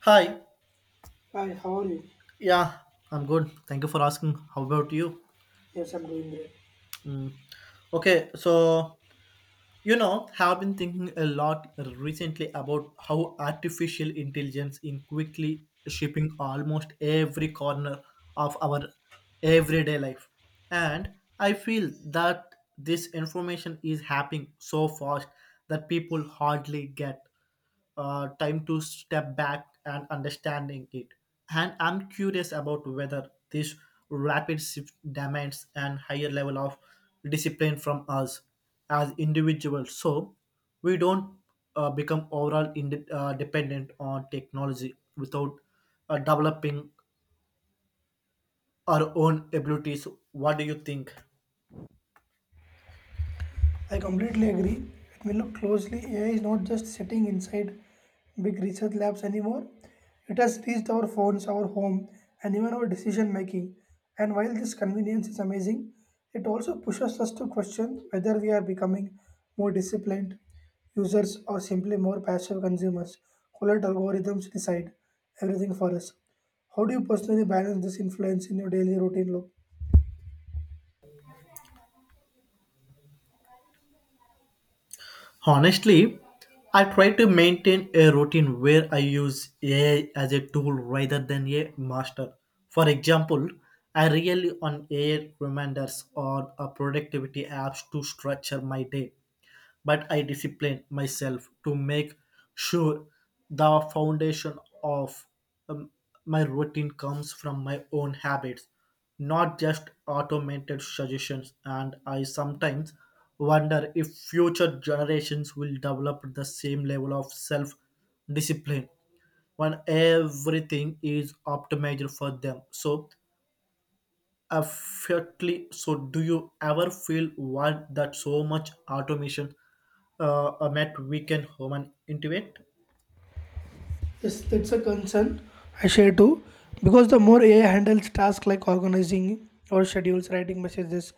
Hi. Hi, how are you? Yeah, I'm good. Thank you for asking. How about you? Yes, I'm doing great. Mm. Okay, so have been thinking a lot recently about how artificial intelligence is quickly shaping almost every corner of our everyday life. And I feel that this information is happening so fast that people hardly get time to step back and understanding it. And I'm curious about whether this rapid shift demands an higher level of discipline from us as individuals, so we don't become overall dependent on technology without developing our own abilities. What do you think? I completely agree. Let me look closely, AI is not just sitting inside big research labs anymore. It has reached our phones, our home, and even our decision making. And while this convenience is amazing, it also pushes us to question whether we are becoming more disciplined users or simply more passive consumers who let algorithms decide everything for us. How do you personally balance this influence in your daily routine, Look? Honestly, I try to maintain a routine where I use AI as a tool rather than a master. For example, I rely on AI reminders or a productivity apps to structure my day, but I discipline myself to make sure the foundation of um, my routine comes from my own habits not just automated suggestions, and I sometimes wonder if future generations will develop the same level of self discipline when everything is optimized for them so effectively so do you ever feel why that so much automation met weaken human intuit. Yes, that's a concern I share too. Because the more AI handles tasks like organizing or schedules, writing messages,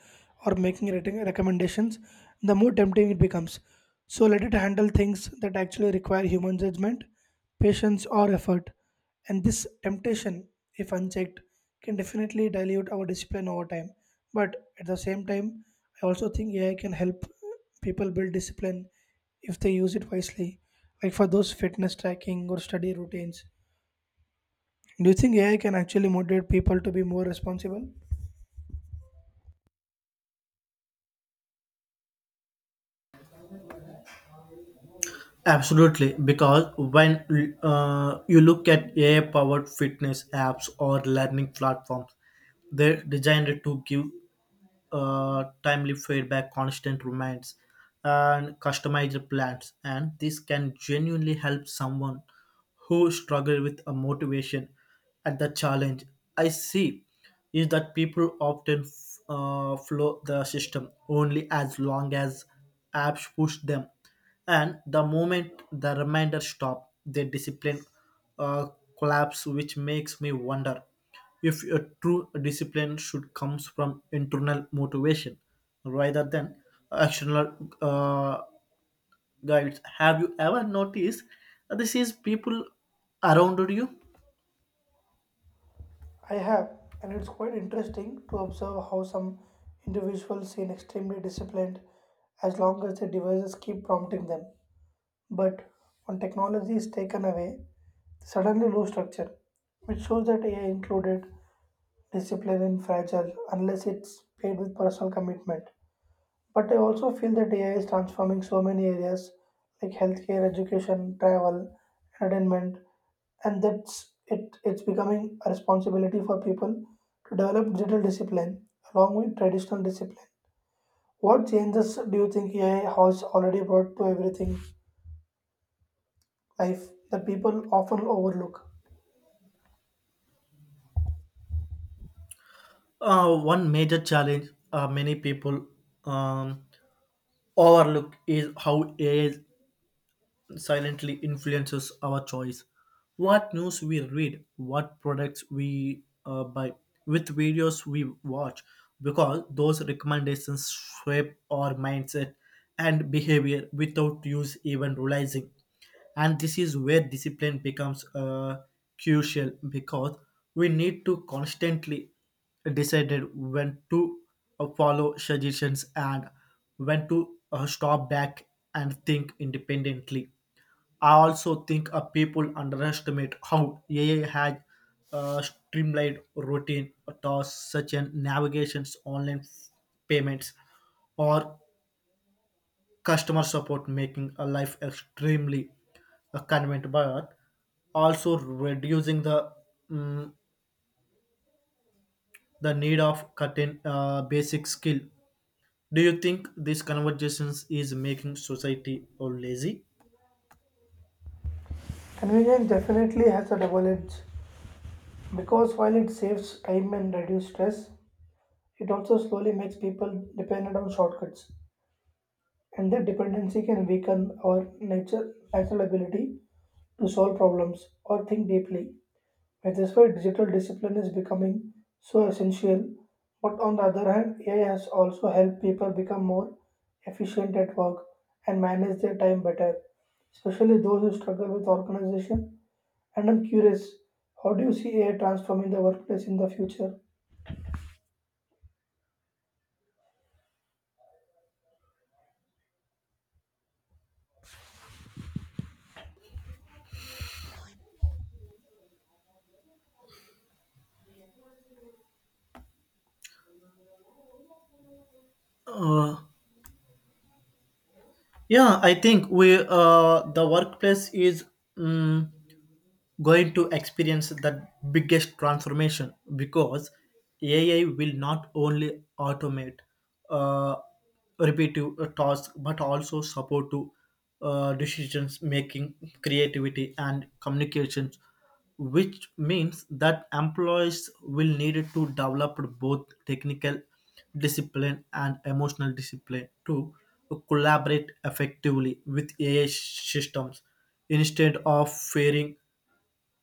or making recommendations, the more tempting it becomes. So let it handle things that actually require human judgment, patience, or effort. And this temptation, if unchecked, can definitely dilute our discipline over time. But at the same time, I also think AI can help people build discipline if they use it wisely, like for those fitness tracking or study routines. Do you think AI can actually motivate people to be more responsible? Absolutely, because when you look at AI powered fitness apps or learning platforms, they're designed to give timely feedback, constant reminds, and customized plans. And this can genuinely help someone who struggle with a motivation at the challenge. I see is that people often flow the system only as long as apps push them, and the moment the reminder stop, their discipline uh, collapse, which makes me wonder if a true discipline should comes from internal motivation rather than external uh, guides. Have you ever noticed that this is people around you? I have, and it's quite interesting to observe how some individuals seem extremely disciplined as long as their devices keep prompting them. But when technology is taken away, they suddenly lose structure, which shows that AI included discipline in fragile unless it's paired with personal commitment. But I also feel that AI is transforming so many areas like healthcare, education, travel, entertainment, and that's it. It's becoming a responsibility for people to develop digital discipline along with traditional discipline. What changes do you think AI has already brought to everything life that people often overlook? One major challenge many people um, overlook is how age silently influences our choice. What news we read, what products we buy, which videos we watch, because those recommendations shape our mindset and behavior without use even realizing. And this is where discipline becomes crucial because we need to constantly decided when to follow suggestions and when to stop back and think independently. I also think people underestimate how AI has streamlined routine tasks such as navigations, online payments, or customer support, making a life extremely convenient, but also reducing the mm, the need of cutting basic skill. Do you think these conversations is making society or lazy? Convenience definitely has a double edge because while it saves time and reduces stress, it also slowly makes people dependent on shortcuts and that dependency can weaken our natural ability to solve problems or think deeply. And that's why digital discipline is becoming so essential. But on the other hand, AI has also helped people become more efficient at work and manage their time better, especially those who struggle with organization. And I'm curious, how do you see AI transforming the workplace in the future? Uh, yeah, I think we the workplace is. mm going to experience the biggest transformation because AI will not only automate uh, repetitive tasks but also support to decisions making, creativity, and communications, which means that employees will need to develop both technical discipline and emotional discipline to collaborate effectively with AI systems instead of fearing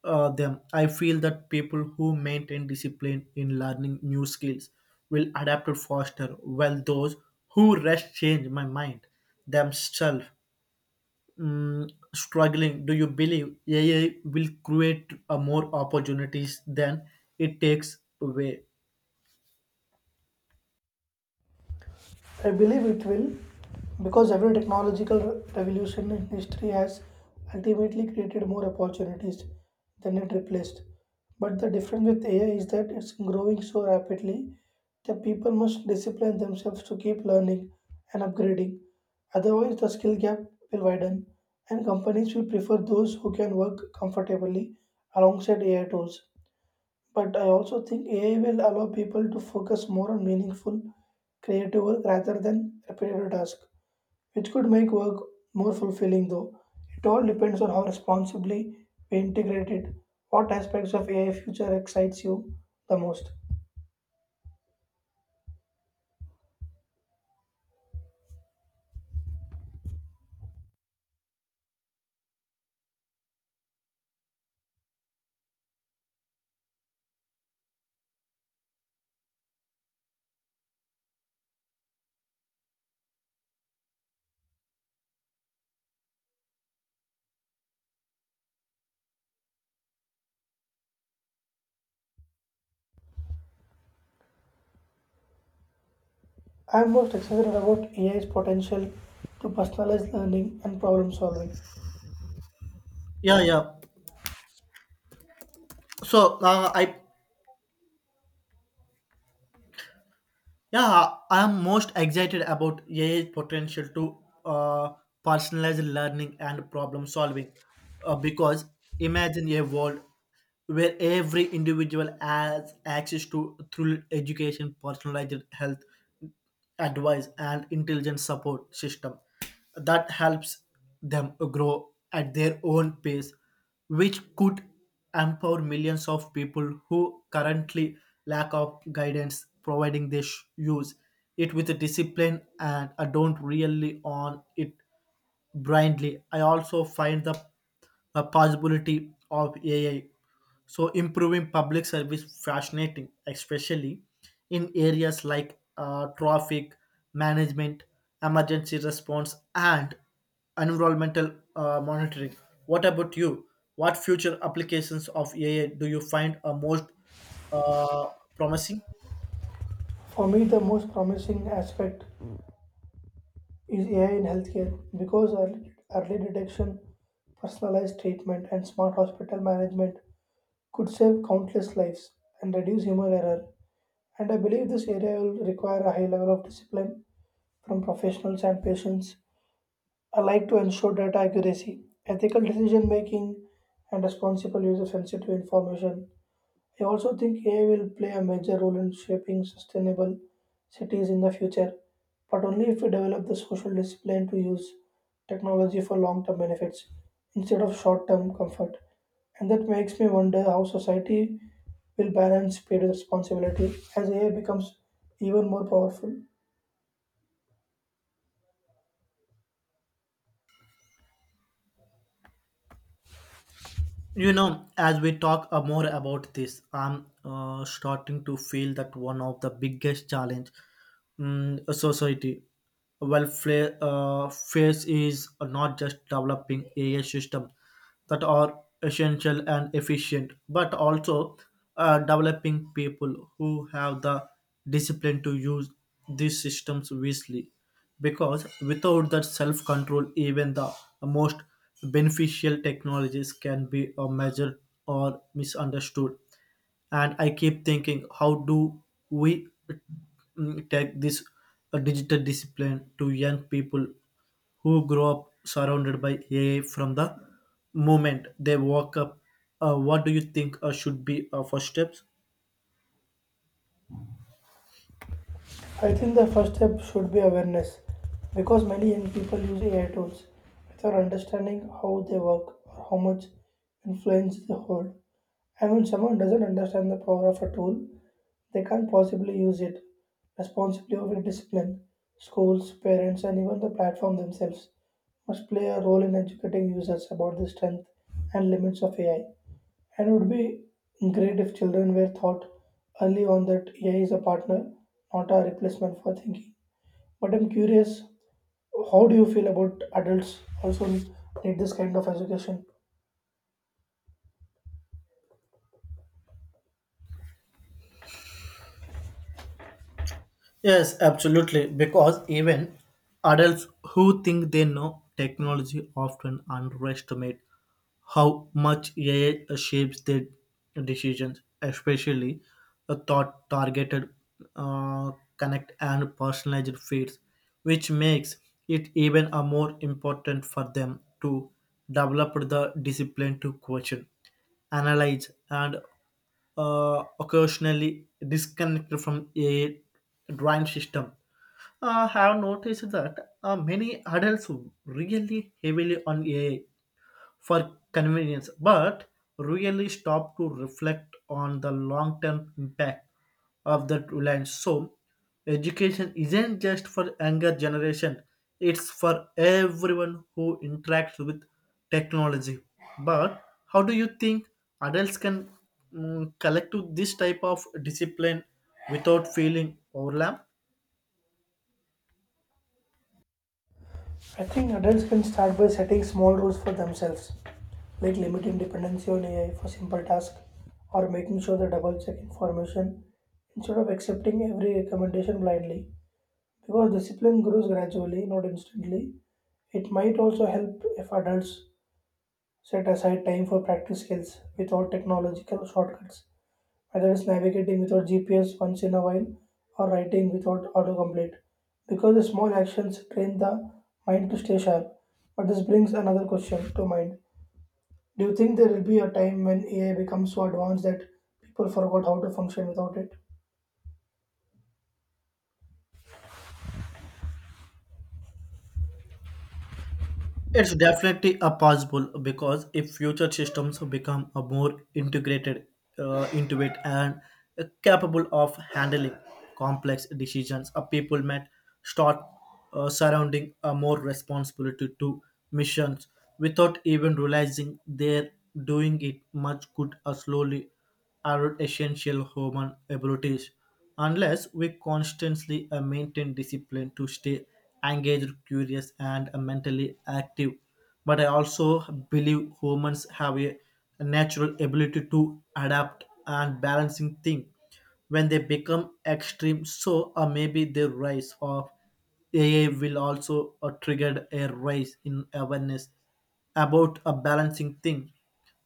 them. I feel that people who maintain discipline in learning new skills will adapt faster, while those who rest change my mind themselves. Mm, struggling, do you believe AI will create more opportunities than it takes away? I believe it will because every technological revolution in history has ultimately created more opportunities than it replaced. But the difference with AI is that it's growing so rapidly that people must discipline themselves to keep learning and upgrading. Otherwise, the skill gap will widen and companies will prefer those who can work comfortably alongside AI tools. But I also think AI will allow people to focus more on meaningful, creative work rather than repetitive tasks, which could make work more fulfilling though. It all depends on how responsibly we integrate it. What aspects of AI future excites you the most? I am most excited about AI's potential to personalize learning and problem solving. Yeah, yeah. So I'm most excited about AI's potential to uh, personalize learning and problem solving because imagine a world where every individual has access to through education, personalized health, advice and intelligent support system that helps them grow at their own pace, which could empower millions of people who currently lack of guidance, providing they use it with a discipline and don't really on it blindly. I also find the possibility of AI so improving public service fascinating, especially in areas like traffic management, emergency response, and environmental monitoring. What about you? What future applications of AI do you find are most uh, promising? For me, the most promising aspect is AI in healthcare because early detection, personalized treatment, and smart hospital management could save countless lives and reduce human error. And I believe this area will require a high level of discipline from professionals and patients alike to ensure data accuracy, ethical decision making, and responsible use of sensitive information. I also think AI will play a major role in shaping sustainable cities in the future, but only if we develop the social discipline to use technology for long term benefits instead of short term comfort. And that makes me wonder how society will balance paid responsibility as AI becomes even more powerful. You know, as we talk more about this, I'm starting to feel that one of the biggest challenge a society well face is not just developing AI system that are essential and efficient, but also developing people who have the discipline to use these systems wisely because without that self control, even the most beneficial technologies can be measured or misunderstood. And I keep thinking, how do we take this digital discipline to young people who grow up surrounded by AI from the moment they walk up? What do you think should be first steps? I think the first step should be awareness because many young people use AI tools without understanding how they work or how much influence they hold. And when someone doesn't understand the power of a tool, they can't possibly use it responsibly over discipline. Schools, parents, and even the platform themselves must play a role in educating users about the strength and limits of AI. And it would be great if children were taught early on that AI is a partner, not a replacement for thinking. But I'm curious, how do you feel about adults also need this kind of education? Yes, absolutely. Because even adults who think they know technology often underestimate how much AI shapes their decisions, especially the thought targeted, uh, connect, and personalized feeds, which makes it even a more important for them to develop the discipline to question, analyze, and occasionally disconnected from a drawing system. I have noticed that many adults really heavily on AI for convenience, but really stop to reflect on the long term impact of that reliance. So, education isn't just for younger generation, it's for everyone who interacts with technology. But how do you think adults can collect to this type of discipline without feeling overwhelmed? I think adults can start by setting small rules for themselves, like limiting dependency on AI for simple tasks or making sure they double check information instead of accepting every recommendation blindly. Because discipline grows gradually, not instantly, it might also help if adults set aside time for practice skills without technological shortcuts whether it's navigating without GPS once in a while or writing without autocomplete. Because the small actions train the mind to stay sharp. But this brings another question to mind. Do you think there will be a time when AI becomes so advanced that people forgot how to function without it? It's definitely a possible because if future systems become a more integrated, intuitive, and capable of handling complex decisions, a people might start surrounding a more responsibility to missions without even realizing they're doing it. Much could slowly erode essential human abilities unless we constantly maintain discipline to stay engaged, curious, and mentally active. But I also believe humans have a natural ability to adapt and balancing thing when they become extreme. So, maybe the rise of AI will also trigger a rise in awareness about a balancing thing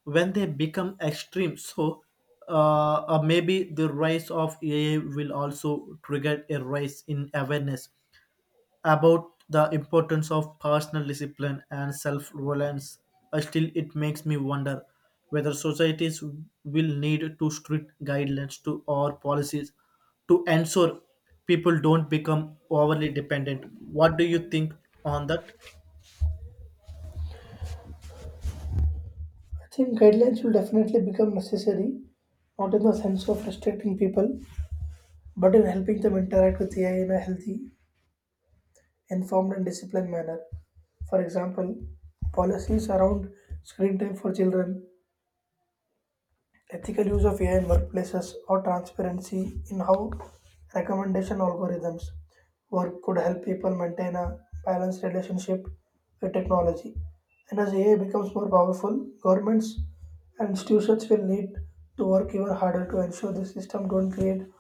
when they become extreme. So, maybe the rise of AI will also trigger a rise in awareness about the importance of personal discipline and self reliance. Still, it makes me wonder whether societies will need to strict guidelines to or policies to ensure people don't become overly dependent. What do you think on that? I think guidelines will definitely become necessary, not in the sense of restricting people, but in helping them interact with AI in a healthy, informed, and disciplined manner. For example, policies around screen time for children ethical use of AI in workplaces, or transparency in how recommendation algorithms work could help people maintain a balanced relationship with technology. And as AI becomes more powerful, governments and institutions will need to work even harder to ensure the system don't create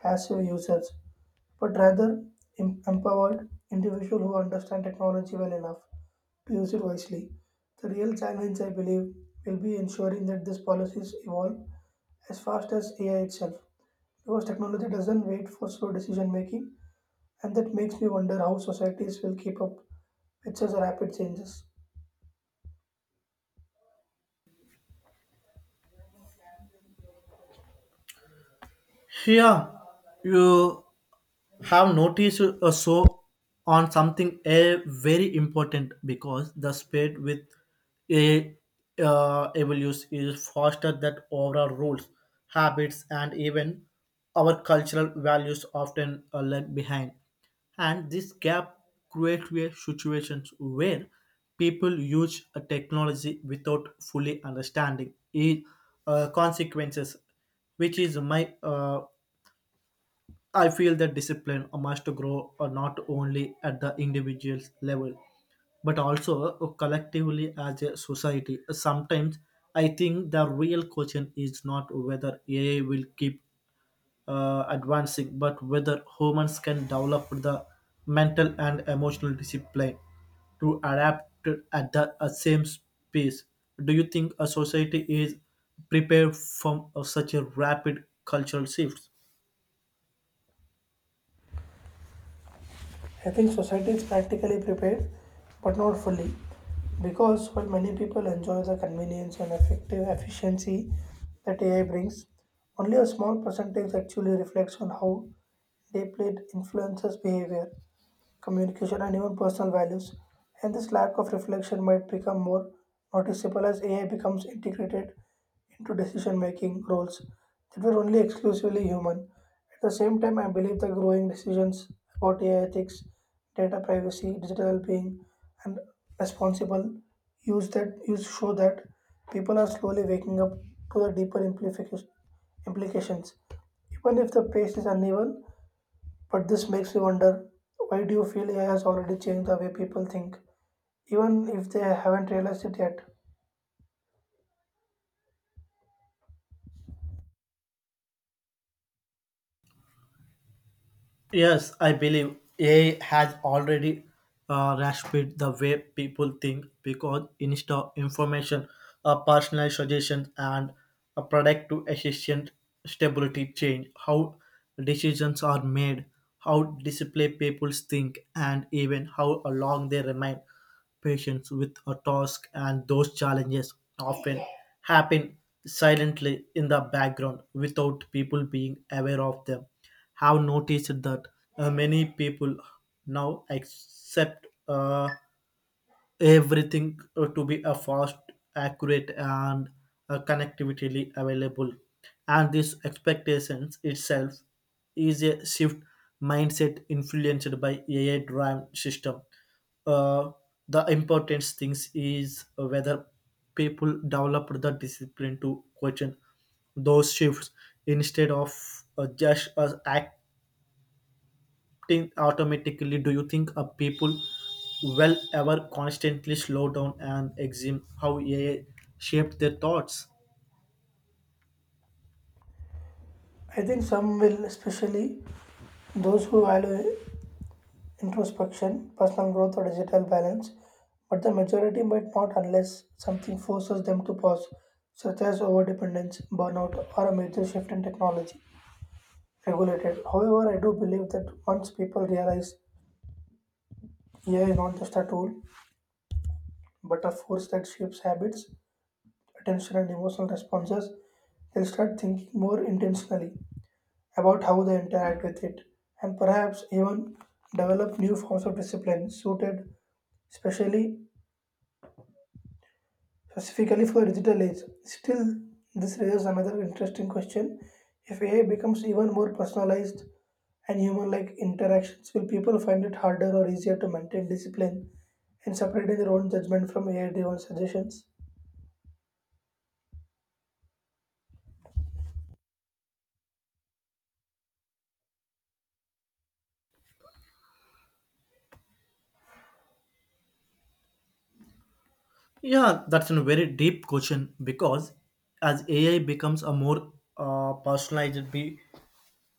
passive users, but rather empowered individuals who understand technology well enough use it wisely. The real challenge, I believe, will be ensuring that these policies evolve as fast as AI itself, because technology doesn't wait for slow decision making, and that makes me wonder how societies will keep up with such rapid changes. Yeah, you have noticed a so on something a very important because the speed with a evolution is faster than overall rules habits and even our cultural values often are left behind and this gap creates a situations where people use a technology without fully understanding its consequences which is my I feel that discipline must grow not only at the individual level but also collectively as a society. Sometimes I think the real question is not whether AI will keep advancing, but whether humans can develop the mental and emotional discipline to adapt at the same pace. Do you think a society is prepared for such a rapid cultural shift? I think society is practically prepared, but not fully, because while many people enjoy the convenience and effective efficiency that AI brings, only a small percentage actually reflects on how deeply it influences behavior communication, and even personal values. And this lack of reflection might become more noticeable as AI becomes integrated into decision making roles that were only exclusively human. At the same time, I believe the growing decisions about AI ethics, data privacy, digital being, and responsible use that use show that people are slowly waking up to the deeper implications. Even if the pace is uneven, but this makes me wonder why do you feel AI has already changed the way people think, even if they haven't realized it yet? Yes, I believe AI has already reshaped the way people think because instead of information, personalized suggestions, and a product to efficient stability change how decisions are made, how display people think, and even how long they remain patients with a task and those challenges often happen silently in the background without people being aware of them have noticed that many people now accept everything to be a fast, accurate, and connectivity available. And this expectations itself is a shift mindset influenced by AI-driven system. Uh, the important things is whether people develop the discipline to question those shifts instead of just act think automatically. Do you think a people will ever constantly slow down and examine how AI shaped their thoughts? I think some will, especially those who value introspection, personal growth, or digital balance, but the majority might not unless something forces them to pause, such as overdependence, burnout, or a major shift in technology. Regulated. However, I do believe that once people realize AI is not just a tool but a force that shapes habits, attention and emotional responses, they'll start thinking more intentionally about how they interact with it and perhaps even develop new forms of discipline suited especially specifically for the digital age. Still, this raises another interesting question. If AI becomes even more personalized and human like interactions, will people find it harder or easier to maintain discipline in separating their own judgment from AI driven suggestions? Yeah, that's a very deep question because as AI becomes a more personalized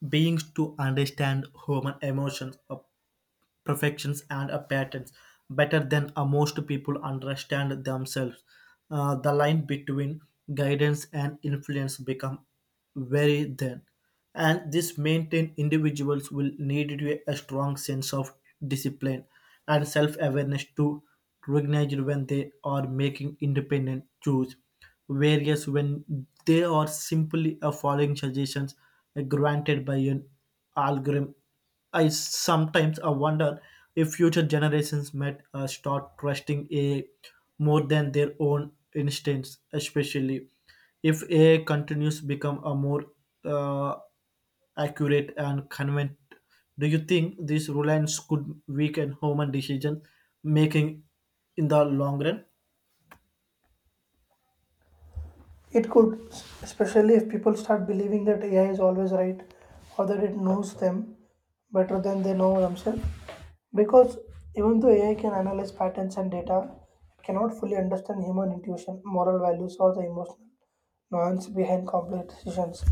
beings to understand human emotions, perfections and a patterns better than most people understand themselves. The line between guidance and influence become very thin, and this maintain individuals will need to a strong sense of discipline and self-awareness to recognize when they are making independent choice. Whereas when they are simply following suggestions granted by an algorithm. I sometimes I wonder if future generations might start trusting AI more than their own instincts, especially if AI continues to become a more uh, accurate and convenient. Do you think this reliance could weaken human decision making in the long run? It could, especially if people start believing that AI is always right or that it knows them better than they know themselves. Because even though AI can analyze patterns and data, it cannot fully understand human intuition, moral values, or the emotional nuance behind complex decisions.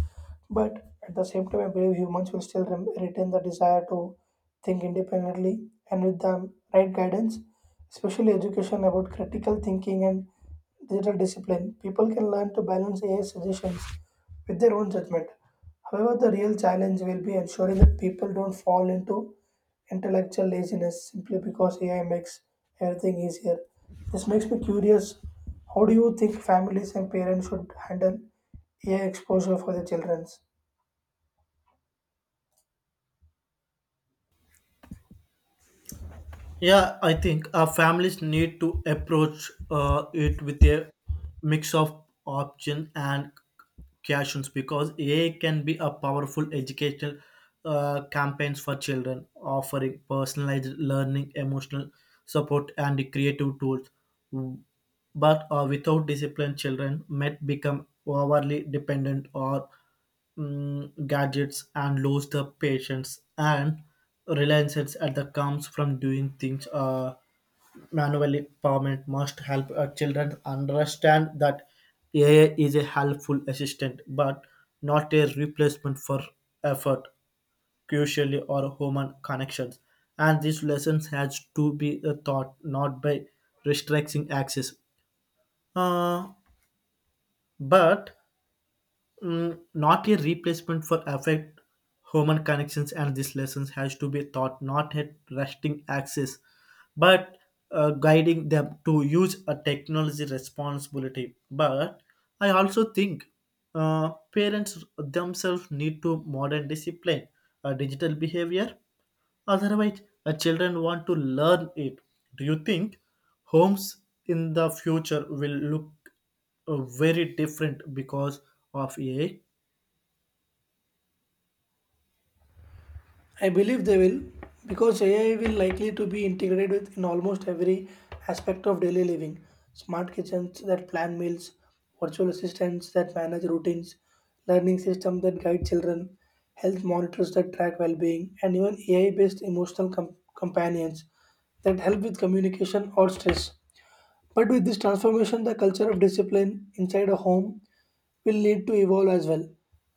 But at the same time, I believe humans will still retain the desire to think independently and with the right guidance, especially education about critical thinking and digital discipline. People can learn to balance AI suggestions with their own judgment. However, the real challenge will be ensuring that people don't fall into intellectual laziness simply because AI makes everything easier. This makes me curious. How do you think families and parents should handle AI exposure for their children? Yeah, I think families need to approach it with a mix of option and cautions because AI can be a powerful educational campaigns for children, offering personalized learning, emotional support, and creative tools. But without discipline, children might become overly dependent or gadgets and lose the patience and reliance at the comes from doing things manually. Parent must help children understand that AI is a helpful assistant but not a replacement for effort crucially or human connections and this lesson has to be a thought not by restricting access uh, but not a replacement for affect human connections and these lessons has to be taught not at resting access but guiding them to use a technology responsibility but I also think parents themselves need to modern discipline digital behavior. Otherwise, children want to learn it. Do you think homes in the future will look very different because of AI? I believe they will because AI will likely to be integrated with in almost every aspect of daily living. Smart kitchens that plan meals, virtual assistants that manage routines, learning systems that guide children, health monitors that track well-being, and even AI-based emotional companions that help with communication or stress. But with this transformation, the culture of discipline inside a home will need to evolve as well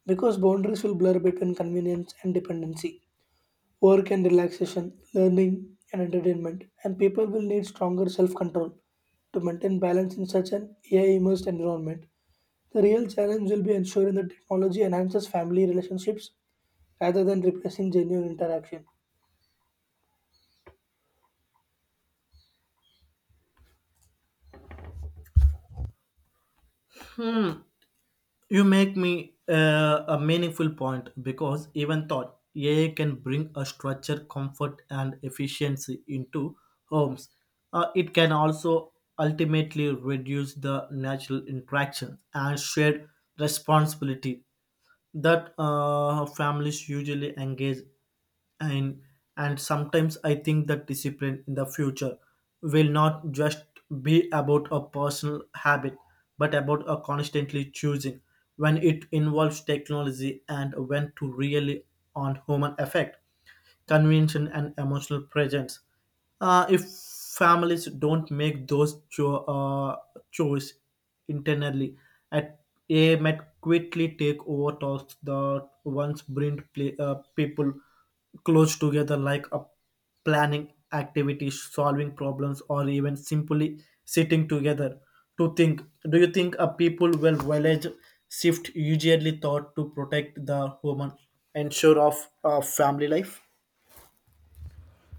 because boundaries will blur between convenience and dependency work and relaxation, learning and entertainment, and people will need stronger self control to maintain balance in such an AI immersed environment. The real challenge will be ensuring that technology enhances family relationships rather than replacing genuine interaction. Hmm. You make me a meaningful point because even thought AI can bring a structure, comfort, and efficiency into homes. It can also ultimately reduce the natural interaction and shared responsibility that families usually engage in, and sometimes I think that discipline in the future will not just be about a personal habit, but about a constantly choosing when it involves technology and when to really on human effect convention, and emotional presence. If families don't make those choice internally, at a might quickly take over tasks that once bring play, people close together, like a planning activities, solving problems, or even simply sitting together to think. Do you think a people will village shift usually thought to protect the woman ensure of family life?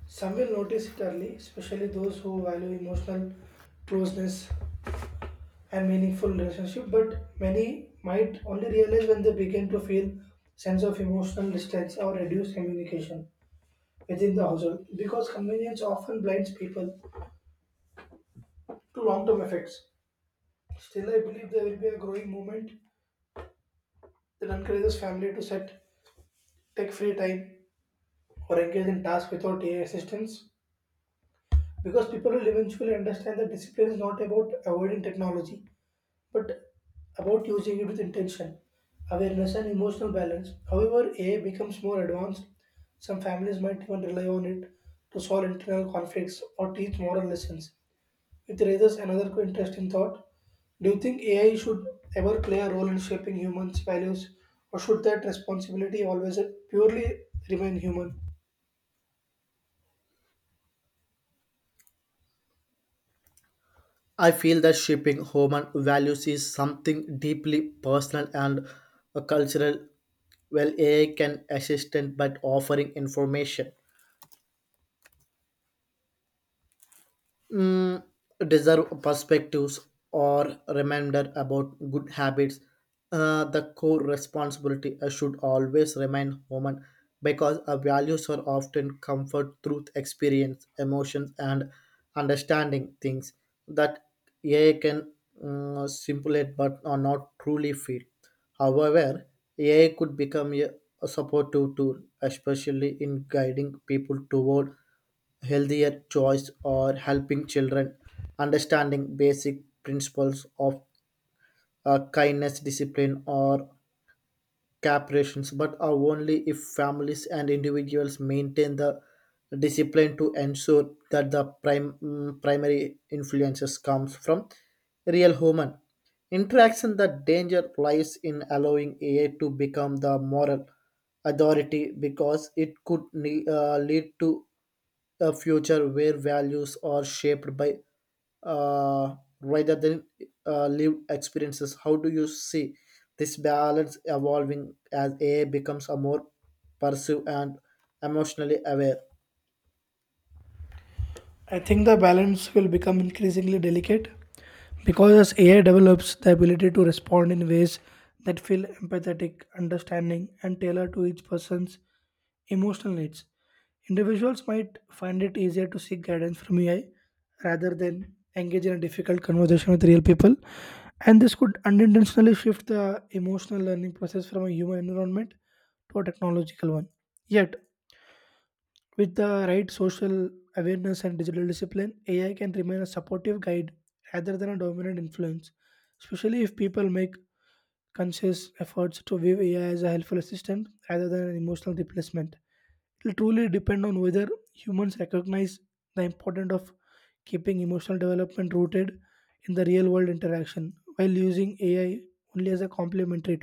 Some will notice it early, especially those who value emotional closeness and meaningful relationship, but many might only realize when they begin to feel sense of emotional distance or reduced communication within the household because convenience often blinds people to long term effects. Still, I believe there will be a growing movement that encourages family to set tech free time or engage in tasks without AI assistance because people will eventually understand that discipline is not about avoiding technology but about using it with intention, awareness, and emotional balance. However, AI becomes more advanced, some families might even rely on it to solve internal conflicts or teach moral lessons. It raises another interesting thought. Do you think AI should ever play a role in shaping humans' values, or should that responsibility always purely remain human? I feel that shaping human values is something deeply personal and cultural. Well, AI can assist, in but offering information mm, deserve perspectives or reminder about good habits. The core responsibility should always remain human because our values are often comfort, truth, experience, emotions, and understanding things that AI can simulate but are not truly feel. However, AI could become a supportive tool, especially in guiding people toward healthier choice or helping children understanding basic principles of kindness discipline or cooperations but are only if families and individuals maintain the discipline to ensure that the primary influences comes from real human interaction. The danger lies in allowing AI to become the moral authority because it could lead to a future where values are shaped by uh, rather than lived experiences. How do you see this balance evolving as AI becomes a more pervasive and emotionally aware? I think the balance will become increasingly delicate because as AI develops the ability to respond in ways that feel empathetic, understanding, and tailored to each person's emotional needs. Individuals might find it easier to seek guidance from AI rather than engage in a difficult conversation with real people. And this could unintentionally shift the emotional learning process from a human environment to a technological one. Yet, with the right social awareness and digital discipline, AI can remain a supportive guide rather than a dominant influence, especially if people make conscious efforts to view AI as a helpful assistant rather than an emotional replacement. It will truly depend on whether humans recognize the importance of keeping emotional development rooted in the real world interaction while using AI only as a complementary